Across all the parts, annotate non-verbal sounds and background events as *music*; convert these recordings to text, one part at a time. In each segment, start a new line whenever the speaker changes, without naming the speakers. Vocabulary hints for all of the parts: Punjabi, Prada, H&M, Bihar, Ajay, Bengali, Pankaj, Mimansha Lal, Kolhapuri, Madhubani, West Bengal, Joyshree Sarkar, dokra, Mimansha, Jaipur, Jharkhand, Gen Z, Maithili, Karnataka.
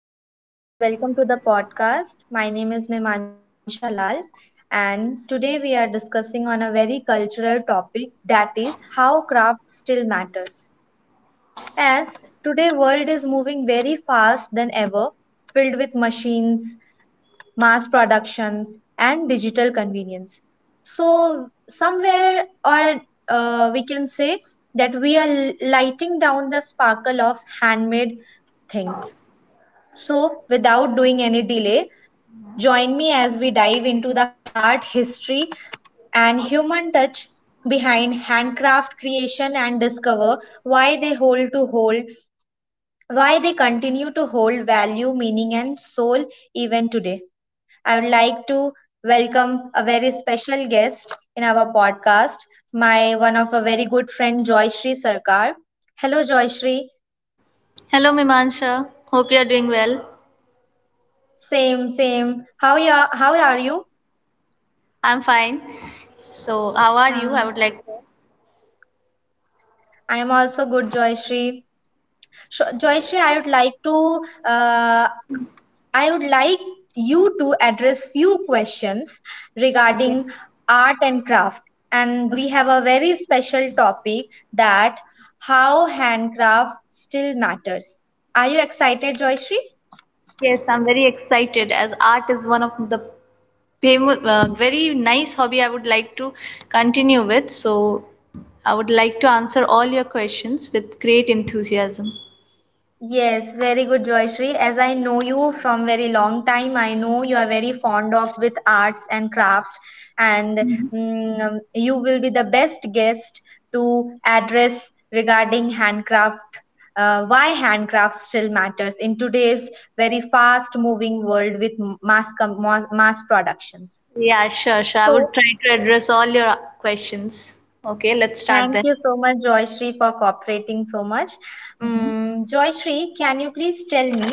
everyone, welcome to the podcast. My name is Mimansha Lal and today we are discussing on a very cultural topic, that is how craft still matters. As today world is moving very fast than ever, filled with machines, mass productions and digital convenience. So somewhere or we can say that we are lighting down the sparkle of handmade things, so, without doing any delay, join me as we dive into the heart, history, and human touch behind handcraft creation and discover why they continue to hold value, meaning, and soul even today. I would like to welcome a very special guest in our podcast, my one of a very good friend Joyshree Sarkar. Hello Joyshree.
Hello, Mimansha. Hope you're doing well.
Same, same. How are you?
I'm fine. So, how are you? I would like to.
I am also good, Joyshri. So, Joyshri, I would like to, uh, I would like you to address few questions
Okay.
regarding art and craft.
Okay.
And we have a very special topic, that how handcraft still matters. Are you excited, Joyshri?
Yes, I'm very excited as art is one of the very nice hobby I would like to continue with. So, I would like to answer all your questions with great enthusiasm.
Yes, very good, Joyshri. As I know you from very long time, I know you are very fond of with arts and craft, and you will be the best guest to address regarding handcraft. Why handcraft still matters in today's very fast-moving world with mass com- mass mass productions.
Yeah, sure. I would
So,
try to address all your questions. Okay, let's start
thank
then.
you so much, Joyshri, for cooperating so much.
Mhm.
Joyshri, can you please tell me?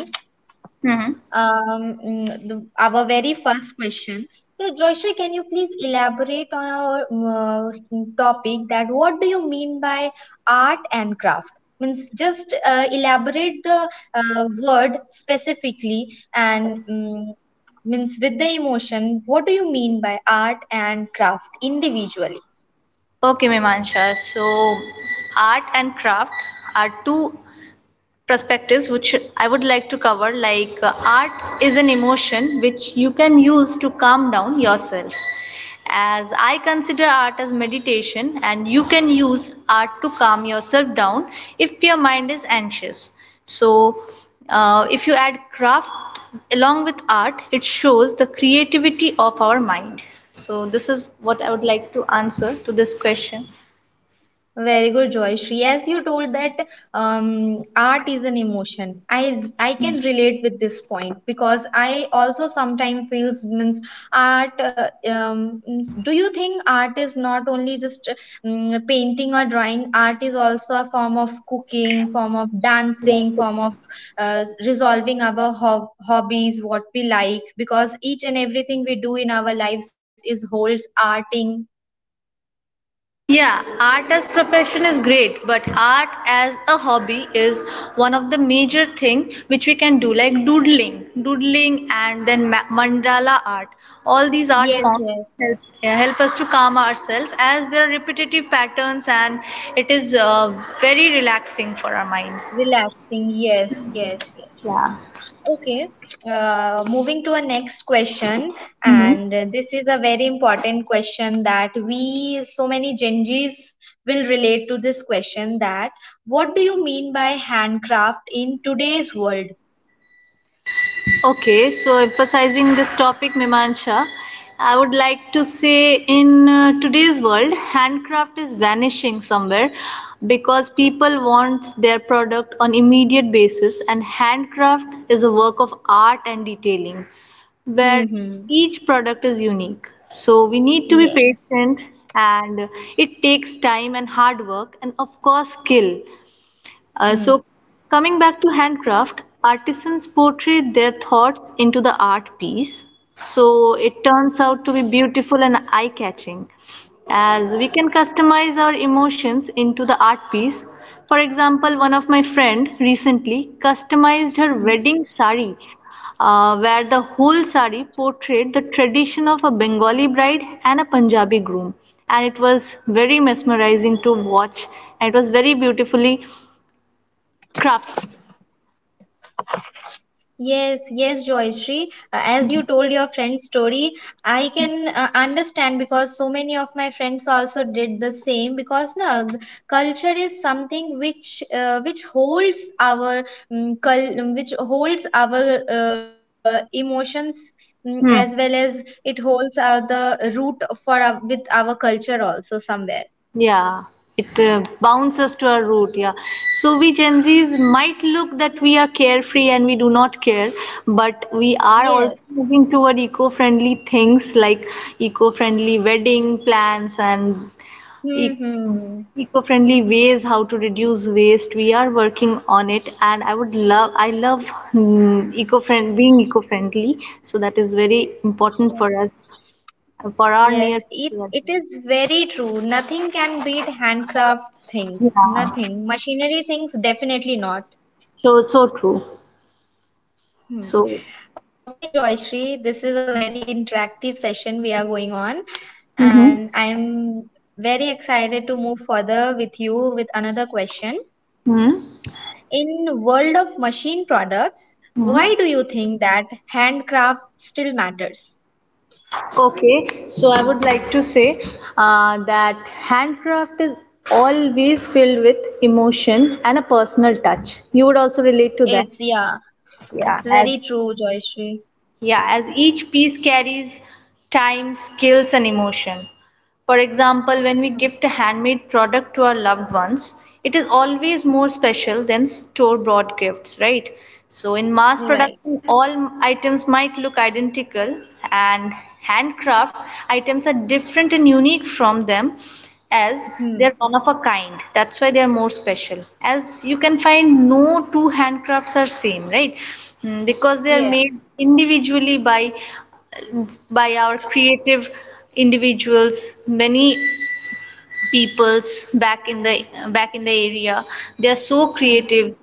Mhm.
Our very first question. So, Joyshri, can you please elaborate on our topic that what do you mean by art and craft? Means just elaborate the word specifically and means with the emotion. What do you mean by art and craft individually?
Okay, Mimansha. So, art and craft are two perspectives which I would like to cover, like art is an emotion which you can use to calm down yourself, as I consider art as meditation and you can use art to calm yourself down if your mind is anxious. So, if you add craft along with art, it shows the creativity of our mind. So this is what I would like to answer to this question.
Very good, Joyshri. As you told that art is an emotion, I can relate with this point because I also sometimes feels means art. Means- do you think art is not only just painting or drawing? Art is also a form of cooking, form of dancing, form of resolving our hobbies, what we like. Because each and everything we do in our lives is holds arting.
Yeah, art as profession is great, but art as a hobby is one of the major thing which we can do, like doodling, and then mandala art. All these art
Yes,
forms,
yes.
yeah, help us to calm ourselves as there are repetitive patterns and it is very relaxing for our mind.
Relaxing, yes, yes, yes.
Yeah.
Okay, moving to our next question,
Mhm.
and this is a very important question that we, so many Gen Zs, will relate to this question, that what do you mean by handcraft in today's world?
Okay, so emphasizing this topic, Mimansha, I would like to say in today's world, handcraft is vanishing somewhere because people want their product on immediate basis, and handcraft is a work of art and detailing where
Hmm, hmm,
each product is unique. So we need to be
yes.
patient, and it takes time and hard work, and of course, skill. So,
Hmm.
coming back to handcraft, artisans portray their thoughts into the art piece. So, it turns out to be beautiful and eye catching as we can customize our emotions into the art piece. For example, one of my friend recently customized her
Hmm.
wedding sari, where the whole sari portrayed the tradition of a Bengali bride and a Punjabi groom. And it was very mesmerizing to watch, and it was very beautifully craft.
Yes, yes, Joyshri. As you told your friend's story, I can understand because so many of my friends also did the same. Because no, culture is something which holds our which holds our emotions,
Hmm.
as well as it holds the root for our, with our culture also somewhere.
Yeah, it bounces to our root. Yeah, so we Gen Z's might look that we are carefree and we do not care, but we are also
Yes.
moving toward eco-friendly things like eco-friendly wedding plans and e-
Hmm.
eco-friendly ways how to reduce waste. We are working on it, and I love eco-friend being eco-friendly. So that is very important for us, for our near
Yes, it,
future as
it
well.
is very true. Nothing can beat handcraft things.
Yeah.
Nothing. Machinery things, definitely not.
So so true.
Hmm.
So.
Okay, Joyshri, this is a very interactive session we are going on,
Mm-hmm.
and I'm very excited to move further with you with another question.
Hmm,
In world of machine products,
hmm.
why do you think that handcraft still matters?
Okay. So I would like to say that handcraft is always filled with emotion and a personal touch. You would also relate to that.
It's yeah,
Yeah,
it's
as
very true, Joyshri.
yeah, as each piece carries time, skills, and emotion. For example, when we
Hmm.
gift a handmade product to our loved ones, it is always more special than store bought gifts, right? So, in mass
Right.
production, all items might look identical, and handcraft items are different and unique from them, as
Hmm.
they're one of a kind. That's why they're more special. As you can find, no two handcrafts are same, right? Mm, because they are
Yeah.
made individually by our creative individuals, many peoples back in the back in the area. They are so
Hmm.
creative,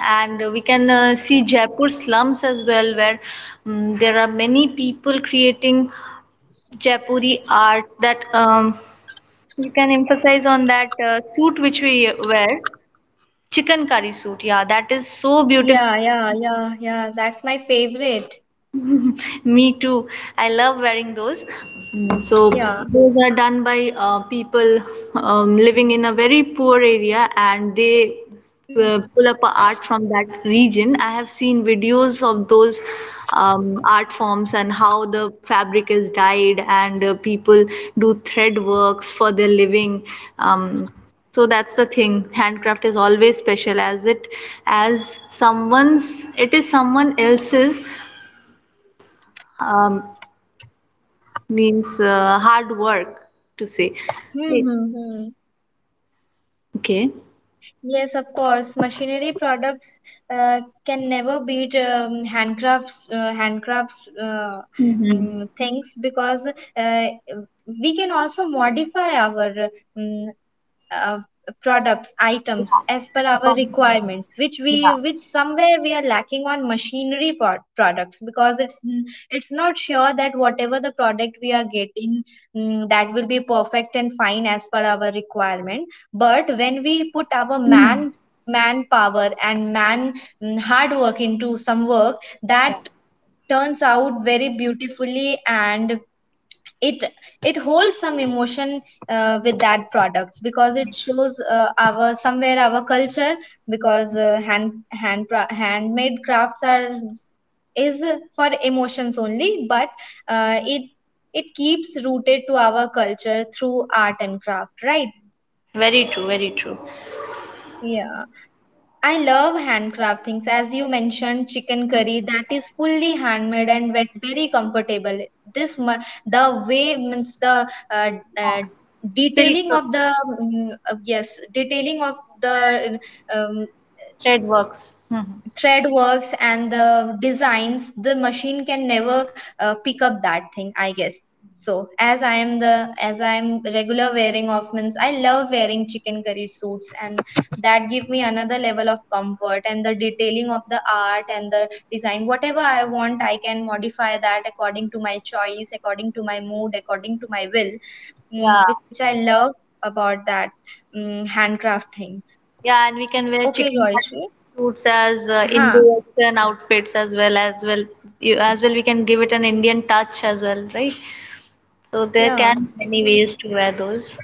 and we can see Jaipur slums as well, where there are many people creating Jaipuri art. That you can emphasize on that suit which we wear, chicken curry suit. Yeah, that is so
Yeah,
beautiful.
yeah, yeah, yeah. That's my favorite.
Me too. I love wearing those. Mm, so
Yeah.
those are done by people living in a very poor area, and they
Hmm.
pull up a art from that region. I have seen videos of those art forms and how the fabric is dyed, and people do thread works for their living. Um, so that's the thing. Handcraft is always special, as it, as someone's. it is someone else's, Um, means hard work, to say.
Hmm.
Right.
Hmm, hmm.
Okay.
Yes, of course. Machinery products uh, can never beat handcrafts,
Mm-hmm.
things because uh, we can also modify our um, uh, products items as per our requirements which somewhere we are lacking on products, because it's not sure that whatever the product we are getting, that will be perfect and fine as per our requirement. But when we put our manpower and hard work into some work, that turns out very beautifully, and it it holds some emotion with that products because it shows our somewhere our culture, because handmade crafts are is for emotions only. But it it keeps rooted to our culture through art and craft, right?
Very true.
Yeah, I love handcraft things. As you mentioned, chicken curry that is fully handmade and very comfortable. The way means the uh,
Silk,
detailing of the yes detailing of the um,
thread works.
thread works and the designs the machine can never pick up that thing, I guess. So as I am regular wearing of means I love wearing chicken curry suits, and that give me another level of comfort and the detailing of the art and the design whatever I want I can modify that according to my choice, according to my mood, according to my will,
Yeah.
which I love about that handcraft things.
Yeah, and we can wear
Okay,
chicken
Joyshri.
suits as
Huh.
Indo-Western outfits as well we can give it an Indian touch as well, right? So there
Yeah.
can many ways to wear those.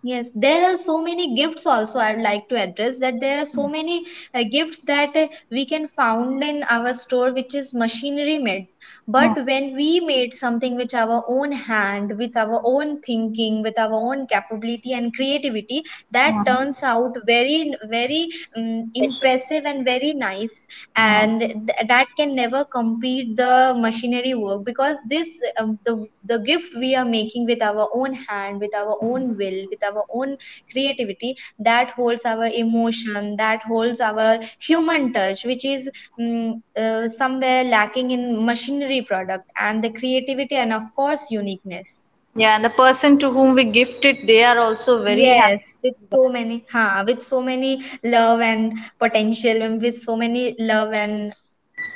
Yes, there are so many gifts also I would like to address that there are so many gifts that we can found in our store which is machinery made. But
Oh,
when we made something with our own hand, with our own thinking, with our own capability and creativity, that
yeah.
turns out very very impressive and very nice,
Yeah.
and that can never compete the machinery work, because this the gift we are making with our own hand with our own will with our own creativity, that holds our emotion, that holds our human touch, which is somewhere lacking in machinery product, and the creativity and of course uniqueness.
Yeah, and the person to whom we gift it, they are also very happy.
Yes, with so many, huh, with so many love and potential, and with so many love and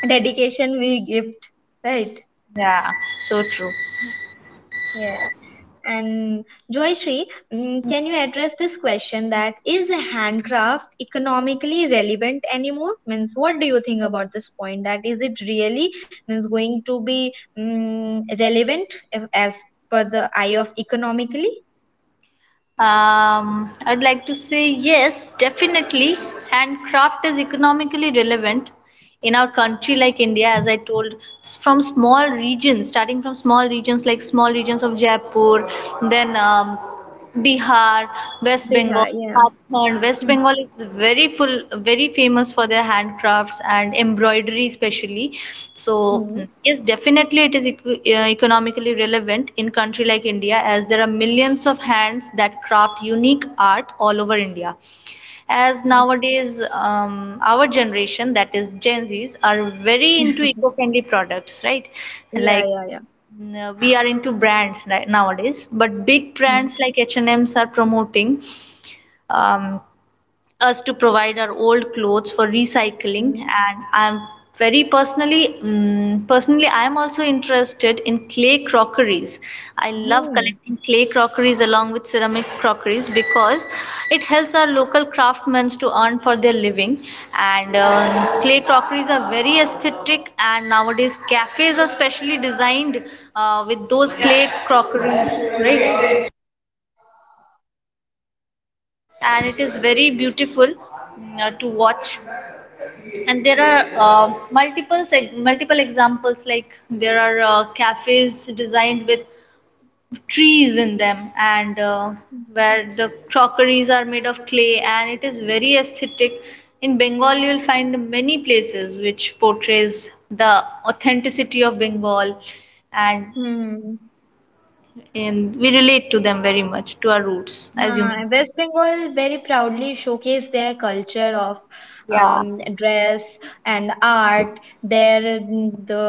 dedication we give, right?
Yeah, so true.
Yes. And Joyshri, can you address this question that is handcraft economically relevant anymore? Means, what do you think about this point? That is it really means going to be relevant if, as per the eye of economically?
I'd like to say yes, definitely. Handcraft is economically relevant in our country like India. As I told, starting from small regions like small regions of Jaipur, then Bihar, West
Yeah,
Bengal,
yeah.
Jharkhand. West Bengal is very full, very famous for their handcrafts and embroidery, especially. So
Hmm.
yes, definitely it is economically relevant in country like India, as there are millions of hands that craft unique art all over India. As nowadays, our generation, that is Gen Zs, are very
Hmm.
into
*laughs*
eco-friendly products, right?
Yeah,
Like,
yeah, yeah.
no, we are into brands nowadays, but big brands like H&Ms are promoting um, us to provide our old clothes for recycling.
Mm-hmm.
And I'm very personally, I am also interested in clay crockeries. I love
Hmm.
collecting clay crockeries along with ceramic crockeries because it helps our local craftsmen to earn for their living. And clay crockeries are very aesthetic, and nowadays cafes are specially designed with those clay crockeries, right? And it is very beautiful, to watch. And there are multiple examples, like there are cafes designed with trees in them, and where the crockeries are made of clay, and it is very aesthetic. In Bengal you'll find many places which portrays the authenticity of Bengal, and,
Hmm.
and we relate to them very much to our roots, as you mentioned.
West Bengal very proudly showcase their culture of
Yeah,
dress and art. Their mm,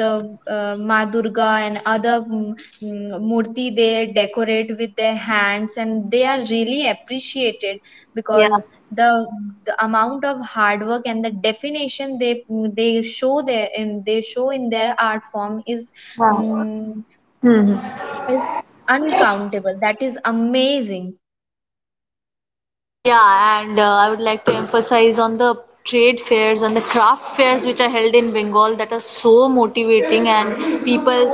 the Ma Durga and other murti they decorate with their hands, and they are really appreciated
yeah,
because the the amount of hard work and the definition they show their in they show in their art form is
yeah.
mm,
Hmm.
is uncountable. That is amazing.
Yeah, and I would like to emphasize on the trade fairs and the craft fairs which are held in Bengal that are so motivating, and people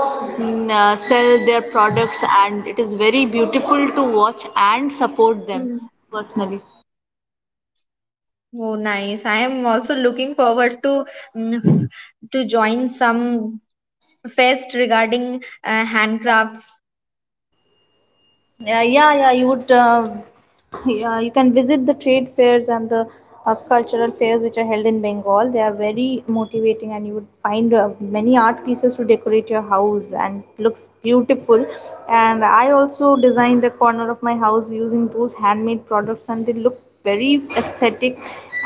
sell their products, and it is very beautiful to watch and support them
Hmm.
personally.
Oh, nice. I am also looking forward to, mm, *laughs* to join some fest regarding handcrafts.
Yeah, yeah, yeah. You would yeah, you can visit the trade fairs and the cultural fairs which are held in Bengal. They are very motivating, and you would find many art pieces to decorate your house, and looks beautiful. And I also designed the corner of my house using those handmade products, and they look very aesthetic.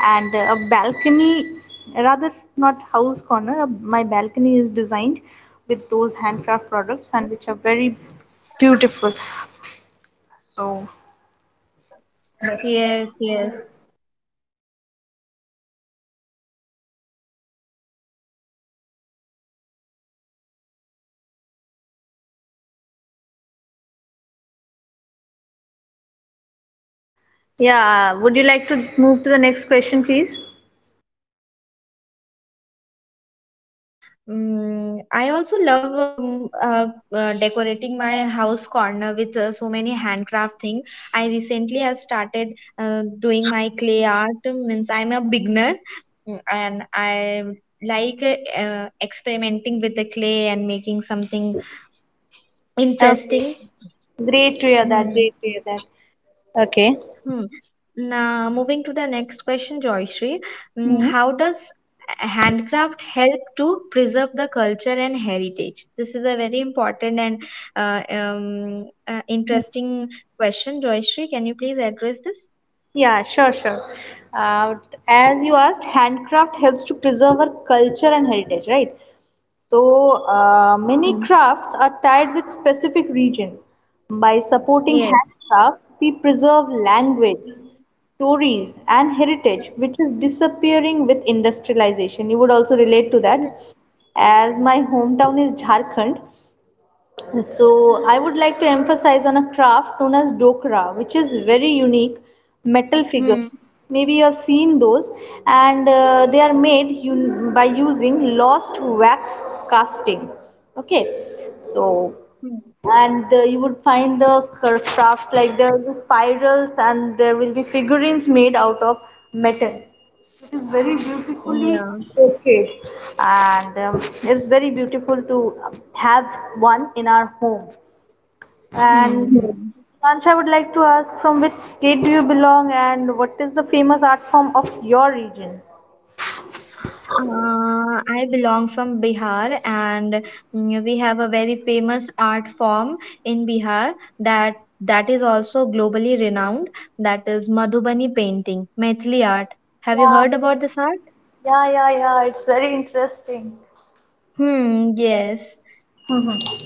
And a balcony, rather, not house corner, my balcony is designed with those handcraft products, and
Hmm.
which are very beautiful. So,
Yes, yes.
yeah, would you like to move to the next question, please?
Yes, yes, yes. I also love decorating my house corner with so many handcraft thing. I recently have started doing my clay art. Means I'm a beginner, and I like experimenting with the clay and making something
Okay.
interesting.
Great to hear that.
Hmm.
Great to hear that. Okay.
Hmm. Now, moving to the next question, Joyshri. Mm,
Hmm.
how does handcraft help to preserve the culture and heritage? This is a very important and interesting question, Joyshri. Can you please address this?
Yeah, sure. Uh, as you asked, handcraft helps to preserve our culture and heritage, right? So,
Hmm.
many crafts are tied with specific region. By supporting
Yes.
handcraft, we preserve language, stories and heritage which is disappearing with industrialization. You would also relate to that,
Hmm.
as my hometown is Jharkhand. So I would like to emphasize on a craft known as Dokra, which is very unique metal figure.
Hmm.
Maybe you have seen those. And they are made by using lost wax casting. Okay, so,
Hmm.
and you would find the crafts, like there will be spirals and there will be figurines made out of metal. The
Yeah.
portrait, and it's very beautiful to have one in our home.
Hmm.
And
Hmm.
Mancha, I would like to ask, from which state do you belong and what is the famous art form of your region?
I belong from Bihar and, we have a very famous art form in Bihar, that is also globally renowned, that is Madhubani painting, Maithili art. Have you
Yeah,
heard about this art?
yeah, yeah, yeah. It's very interesting.
Hmm, yes.
Mhm.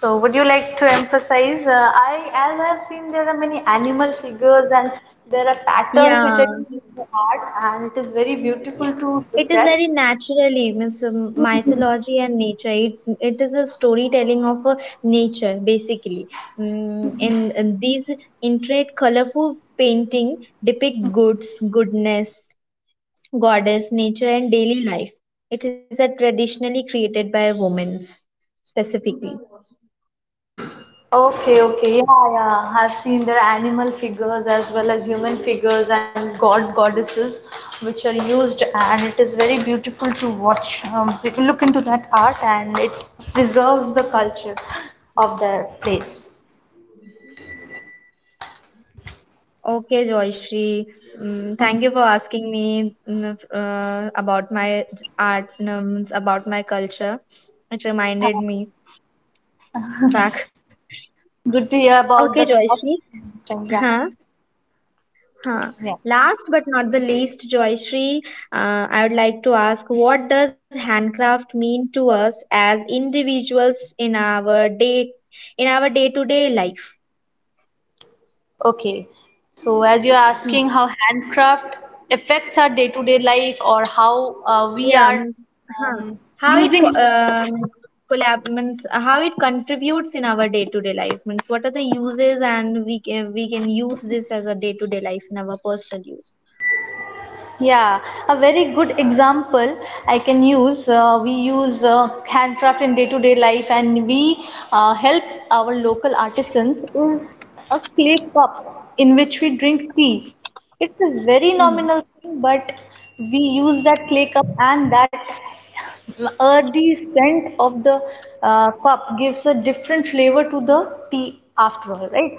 So, would you like to emphasize? I, as I've seen, there are many animal figures and there are patterns which
Yeah.
are in the art, and it is very beautiful to
It
look
is
at.
very naturally means mythology and nature. It is a storytelling of nature basically. Mm, in these intricate, colorful painting depict goodness, goddess, nature, and daily life. It is a traditionally created by women specifically.
Okay, okay, yeah, yeah. I've seen there are animal figures as well as human figures and god goddesses which are used, and it is very beautiful to watch. People look into that art, and it preserves the culture of their place.
Okay, Joyshri. Mm,
Mhm.
thank you for asking me about my art, about my culture. It reminded me back.
Good to hear
Okay,
about the craft.
Joyshri.
So, yeah.
Huh? Huh.
Yeah.
Last but not the least, Joyshri, I would like to ask what does handcraft mean to us as individuals in our day-to-day life?
Okay. So as you're
Hmm.
asking how handcraft affects our day-to-day life, or how we
Yeah,
are
means, huh.
um,
How it co-
using handcraft.
um, collab means how it contributes in our day-to-day life, means what are the uses and we can use this as a day-to-day life in our personal use.
Yeah, a very good example I can use. We use handcraft in day-to-day life, and we help our local artisans. Is a clay cup in which we drink tea. It's a very
Hmm.
nominal thing, but we use that clay cup, and that earthy scent of the cup gives a different flavor to the tea. After all right,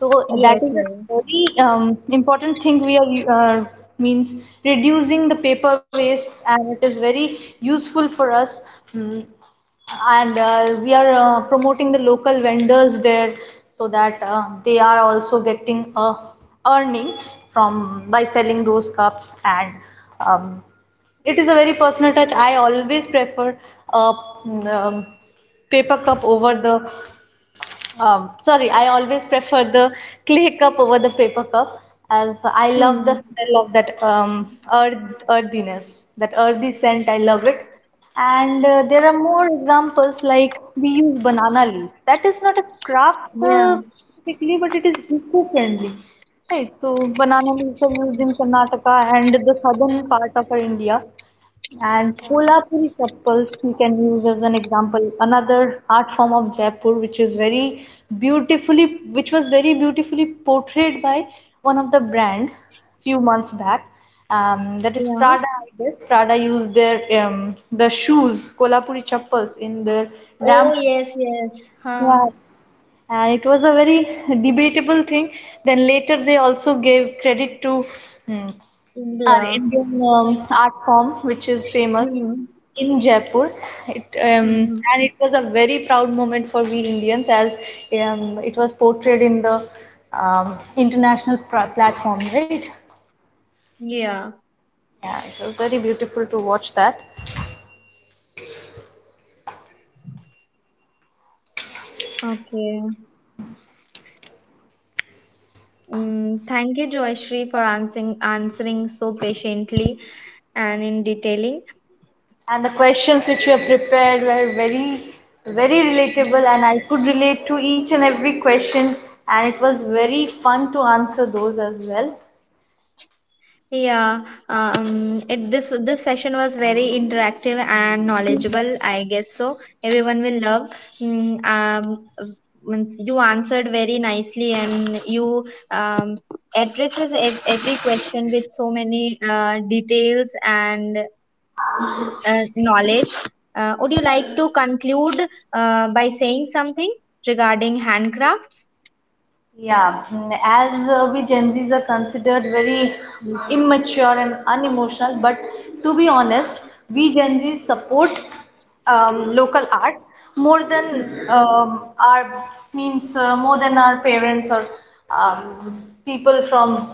so that is
Yes.
a
Yes.
very important thing. We are uh, means reducing the paper wastes, and it is very useful for us. mm, and we are promoting the local vendors there, so that they are also getting a earning from by selling those cups. And um, it is a very personal touch. I always prefer a uh, um, paper cup over the sorry, I always prefer the clay cup over the paper cup, as I love the
Hmm.
smell of that earth, earthiness, that earthy scent. I love it. And there are more examples, like we use banana leaves. That is not a craft
Yeah.
specifically, but it is eco-friendly. Right, so banana leaves are used in Karnataka and the southern part of our India. And Kolhapuri chappals we can use as an example, another art form of Jaipur, which is very beautifully, which was very beautifully portrayed by one of the brand few months back. That is
Yeah.
Prada, I guess. Prada used their the shoes, Kolhapuri chappals, in their
Oh
ramp.
yes, yes. Huh.
Yeah. And it was a very debatable thing. Then later they also gave credit to hmm, our
India.
Indian art form, which is famous
Hmm.
in Jaipur. It
Hmm.
And it was a very proud moment for we Indians, as it was portrayed in the international platform, right?
Yeah.
Yeah, it was very beautiful to watch that.
Okay. Mm, thank you, Joyshri, for answering so patiently and in detailing.
And the questions which you have prepared were very, very relatable, and I could relate to each and every question. And it was very fun to answer those as well.
Yeah, it, this session was very interactive and knowledgeable. I guess so. Everyone will love. Mm, um, means you answered very nicely, and you um, addresses every question with so many details and knowledge. Would you like to conclude by saying something regarding handcrafts?
Yeah, as we Gen Zs are considered very immature and unemotional, but to be honest, we Gen Zs support local art more
Hmm.
than our means more than our parents, or people from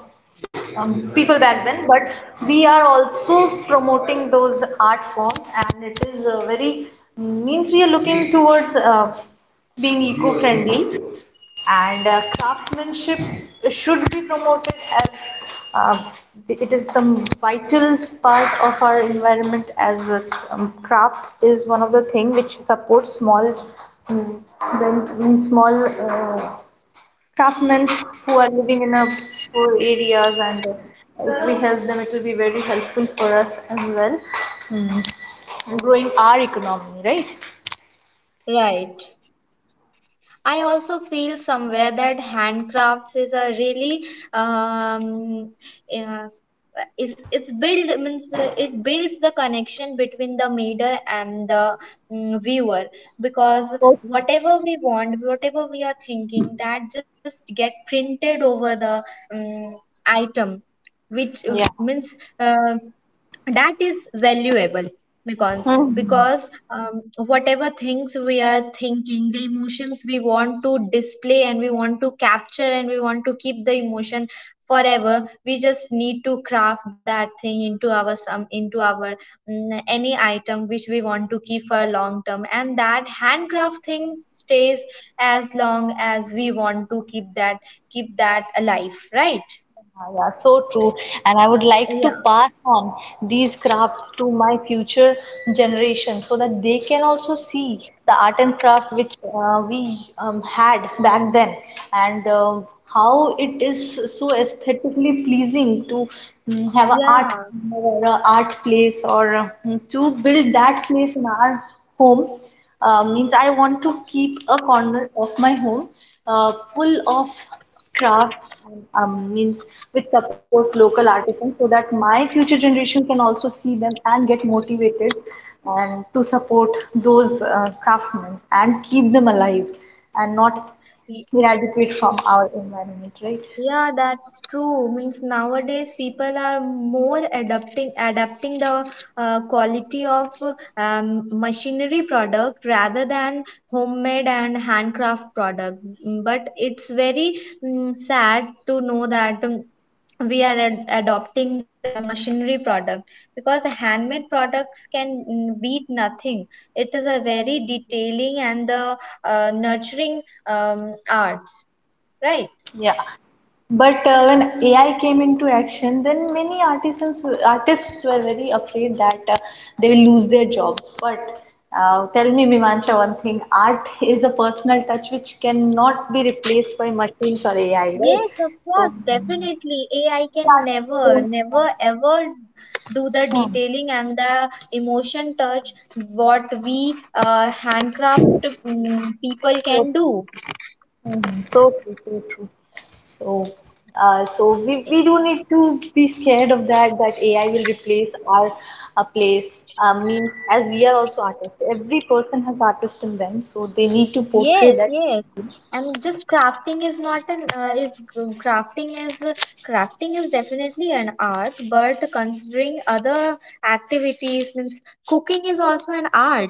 people back then. But we are also promoting those art forms, and it is very means we are looking towards being eco-friendly and craftsmanship should be promoted, as uh, it is the vital part of our environment, as a craft is one of the thing which supports small mm, when small craftsmen who are living in a poor areas, and if we help them, it will be very helpful for us as well. Mm. Growing our economy, right?
Right. I also feel somewhere that handcrafts is a really um, uh, is it's build means it builds the connection between the maker and the viewer, because
Okay.
whatever we want, whatever we are thinking, that just get printed over the um, item, which
Yeah.
means that is valuable,
Mhm.
because whatever things we are thinking the emotions we want to display and we want to capture and we want to keep the emotion forever, we just need to craft that thing into our, any item which we want to keep for long term, and that handcraft thing stays as long as we want to keep that alive, right?
Ah, yeah, so true. And I would like to
Yeah,
pass on these crafts to my future generation, so that they can also see the art and craft which we had back then, and how it is so aesthetically pleasing to have an art
yeah.
corner or an art place, or to build that place in our home. Means I want to keep a corner of my home full of crafts, and means which supports local artisans, so that my future generation can also see them and get motivated, and to support those craftsmen and keep them alive, and not eradicate from our environment, right?
Yeah, that's true. Means nowadays people are more adapting the quality of machinery product rather than homemade and handcraft product. But it's very sad to know that we are adopting the machinery product, because the handmade products can beat nothing. It is a very detailing and the nurturing arts, right?
Yeah. But when AI came into action, then many artisans artists were very afraid that they will lose their jobs. But tell me, Mimansha, one thing: art is a personal touch which cannot be replaced by machines or AI, right?
Yes, of
So,
course, definitely. AI
we
can
artists
never, never,
don't.
ever do the detailing and the emotion touch what we handcraft people
Hmm.
can do.
Mhm. So true, so true. So, so we do need to be scared of that, that AI will replace our place. Means, as we are also artists, every person has artist in them, so they need to portray
Yes,
that.
yes. And just crafting is not an is crafting is crafting is definitely an art, but considering other activities means cooking is also an art.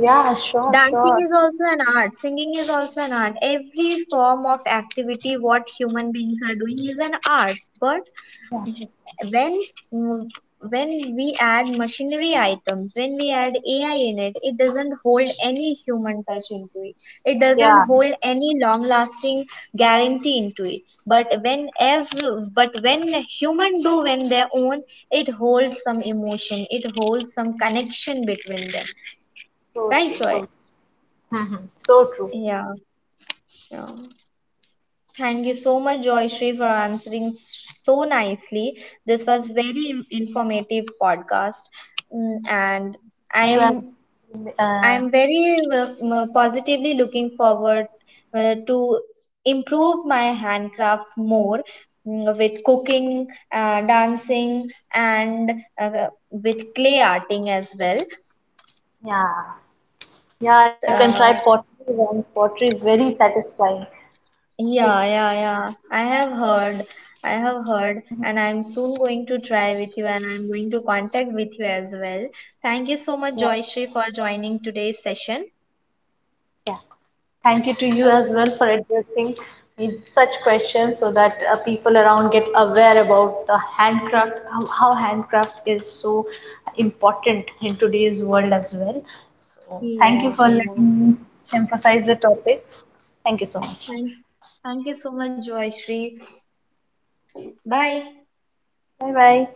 Yeah, sure,
Dancing
sure.
is also an art, singing is also an art. Every form of activity what human beings are doing is an art. But when, mm, when we add machinery items, when we add AI in it, it doesn't hold any human touch into it. It doesn't
Yeah,
hold any long lasting guarantee into it. But when as but when human do when their own, it holds some emotion, it holds some connection between them.
so
Right,
true, so
Roy?
Mhm. So true.
Yeah. Yeah. Thank you so much, Joyshri, for answering so nicely. This was very informative podcast. Mm, and I
You
am
have,
I am
uh,
very positively looking forward to improve my handcraft more, with cooking, dancing, and with clay arting as well.
yeah, yeah. You can try
Uh,
pottery. And pottery is very satisfying. It,
Yeah, yeah, yeah. I have heard. I have heard,
mhm,
and I'm soon going to try with you, and I'm going to contact with you as well. Thank you so much,
yeah.
Joyshri, for joining today's session.
Yeah. Thank you to you as
Okay.
well for addressing me such questions, so that people around get aware about the handcraft, how handcraft is so important in today's world as well. So, thank you
Yeah,
for
yeah.
letting me emphasize the topics. Thank you so much.
Thank, thank you so much, Joyshri. Bye.
Bye bye.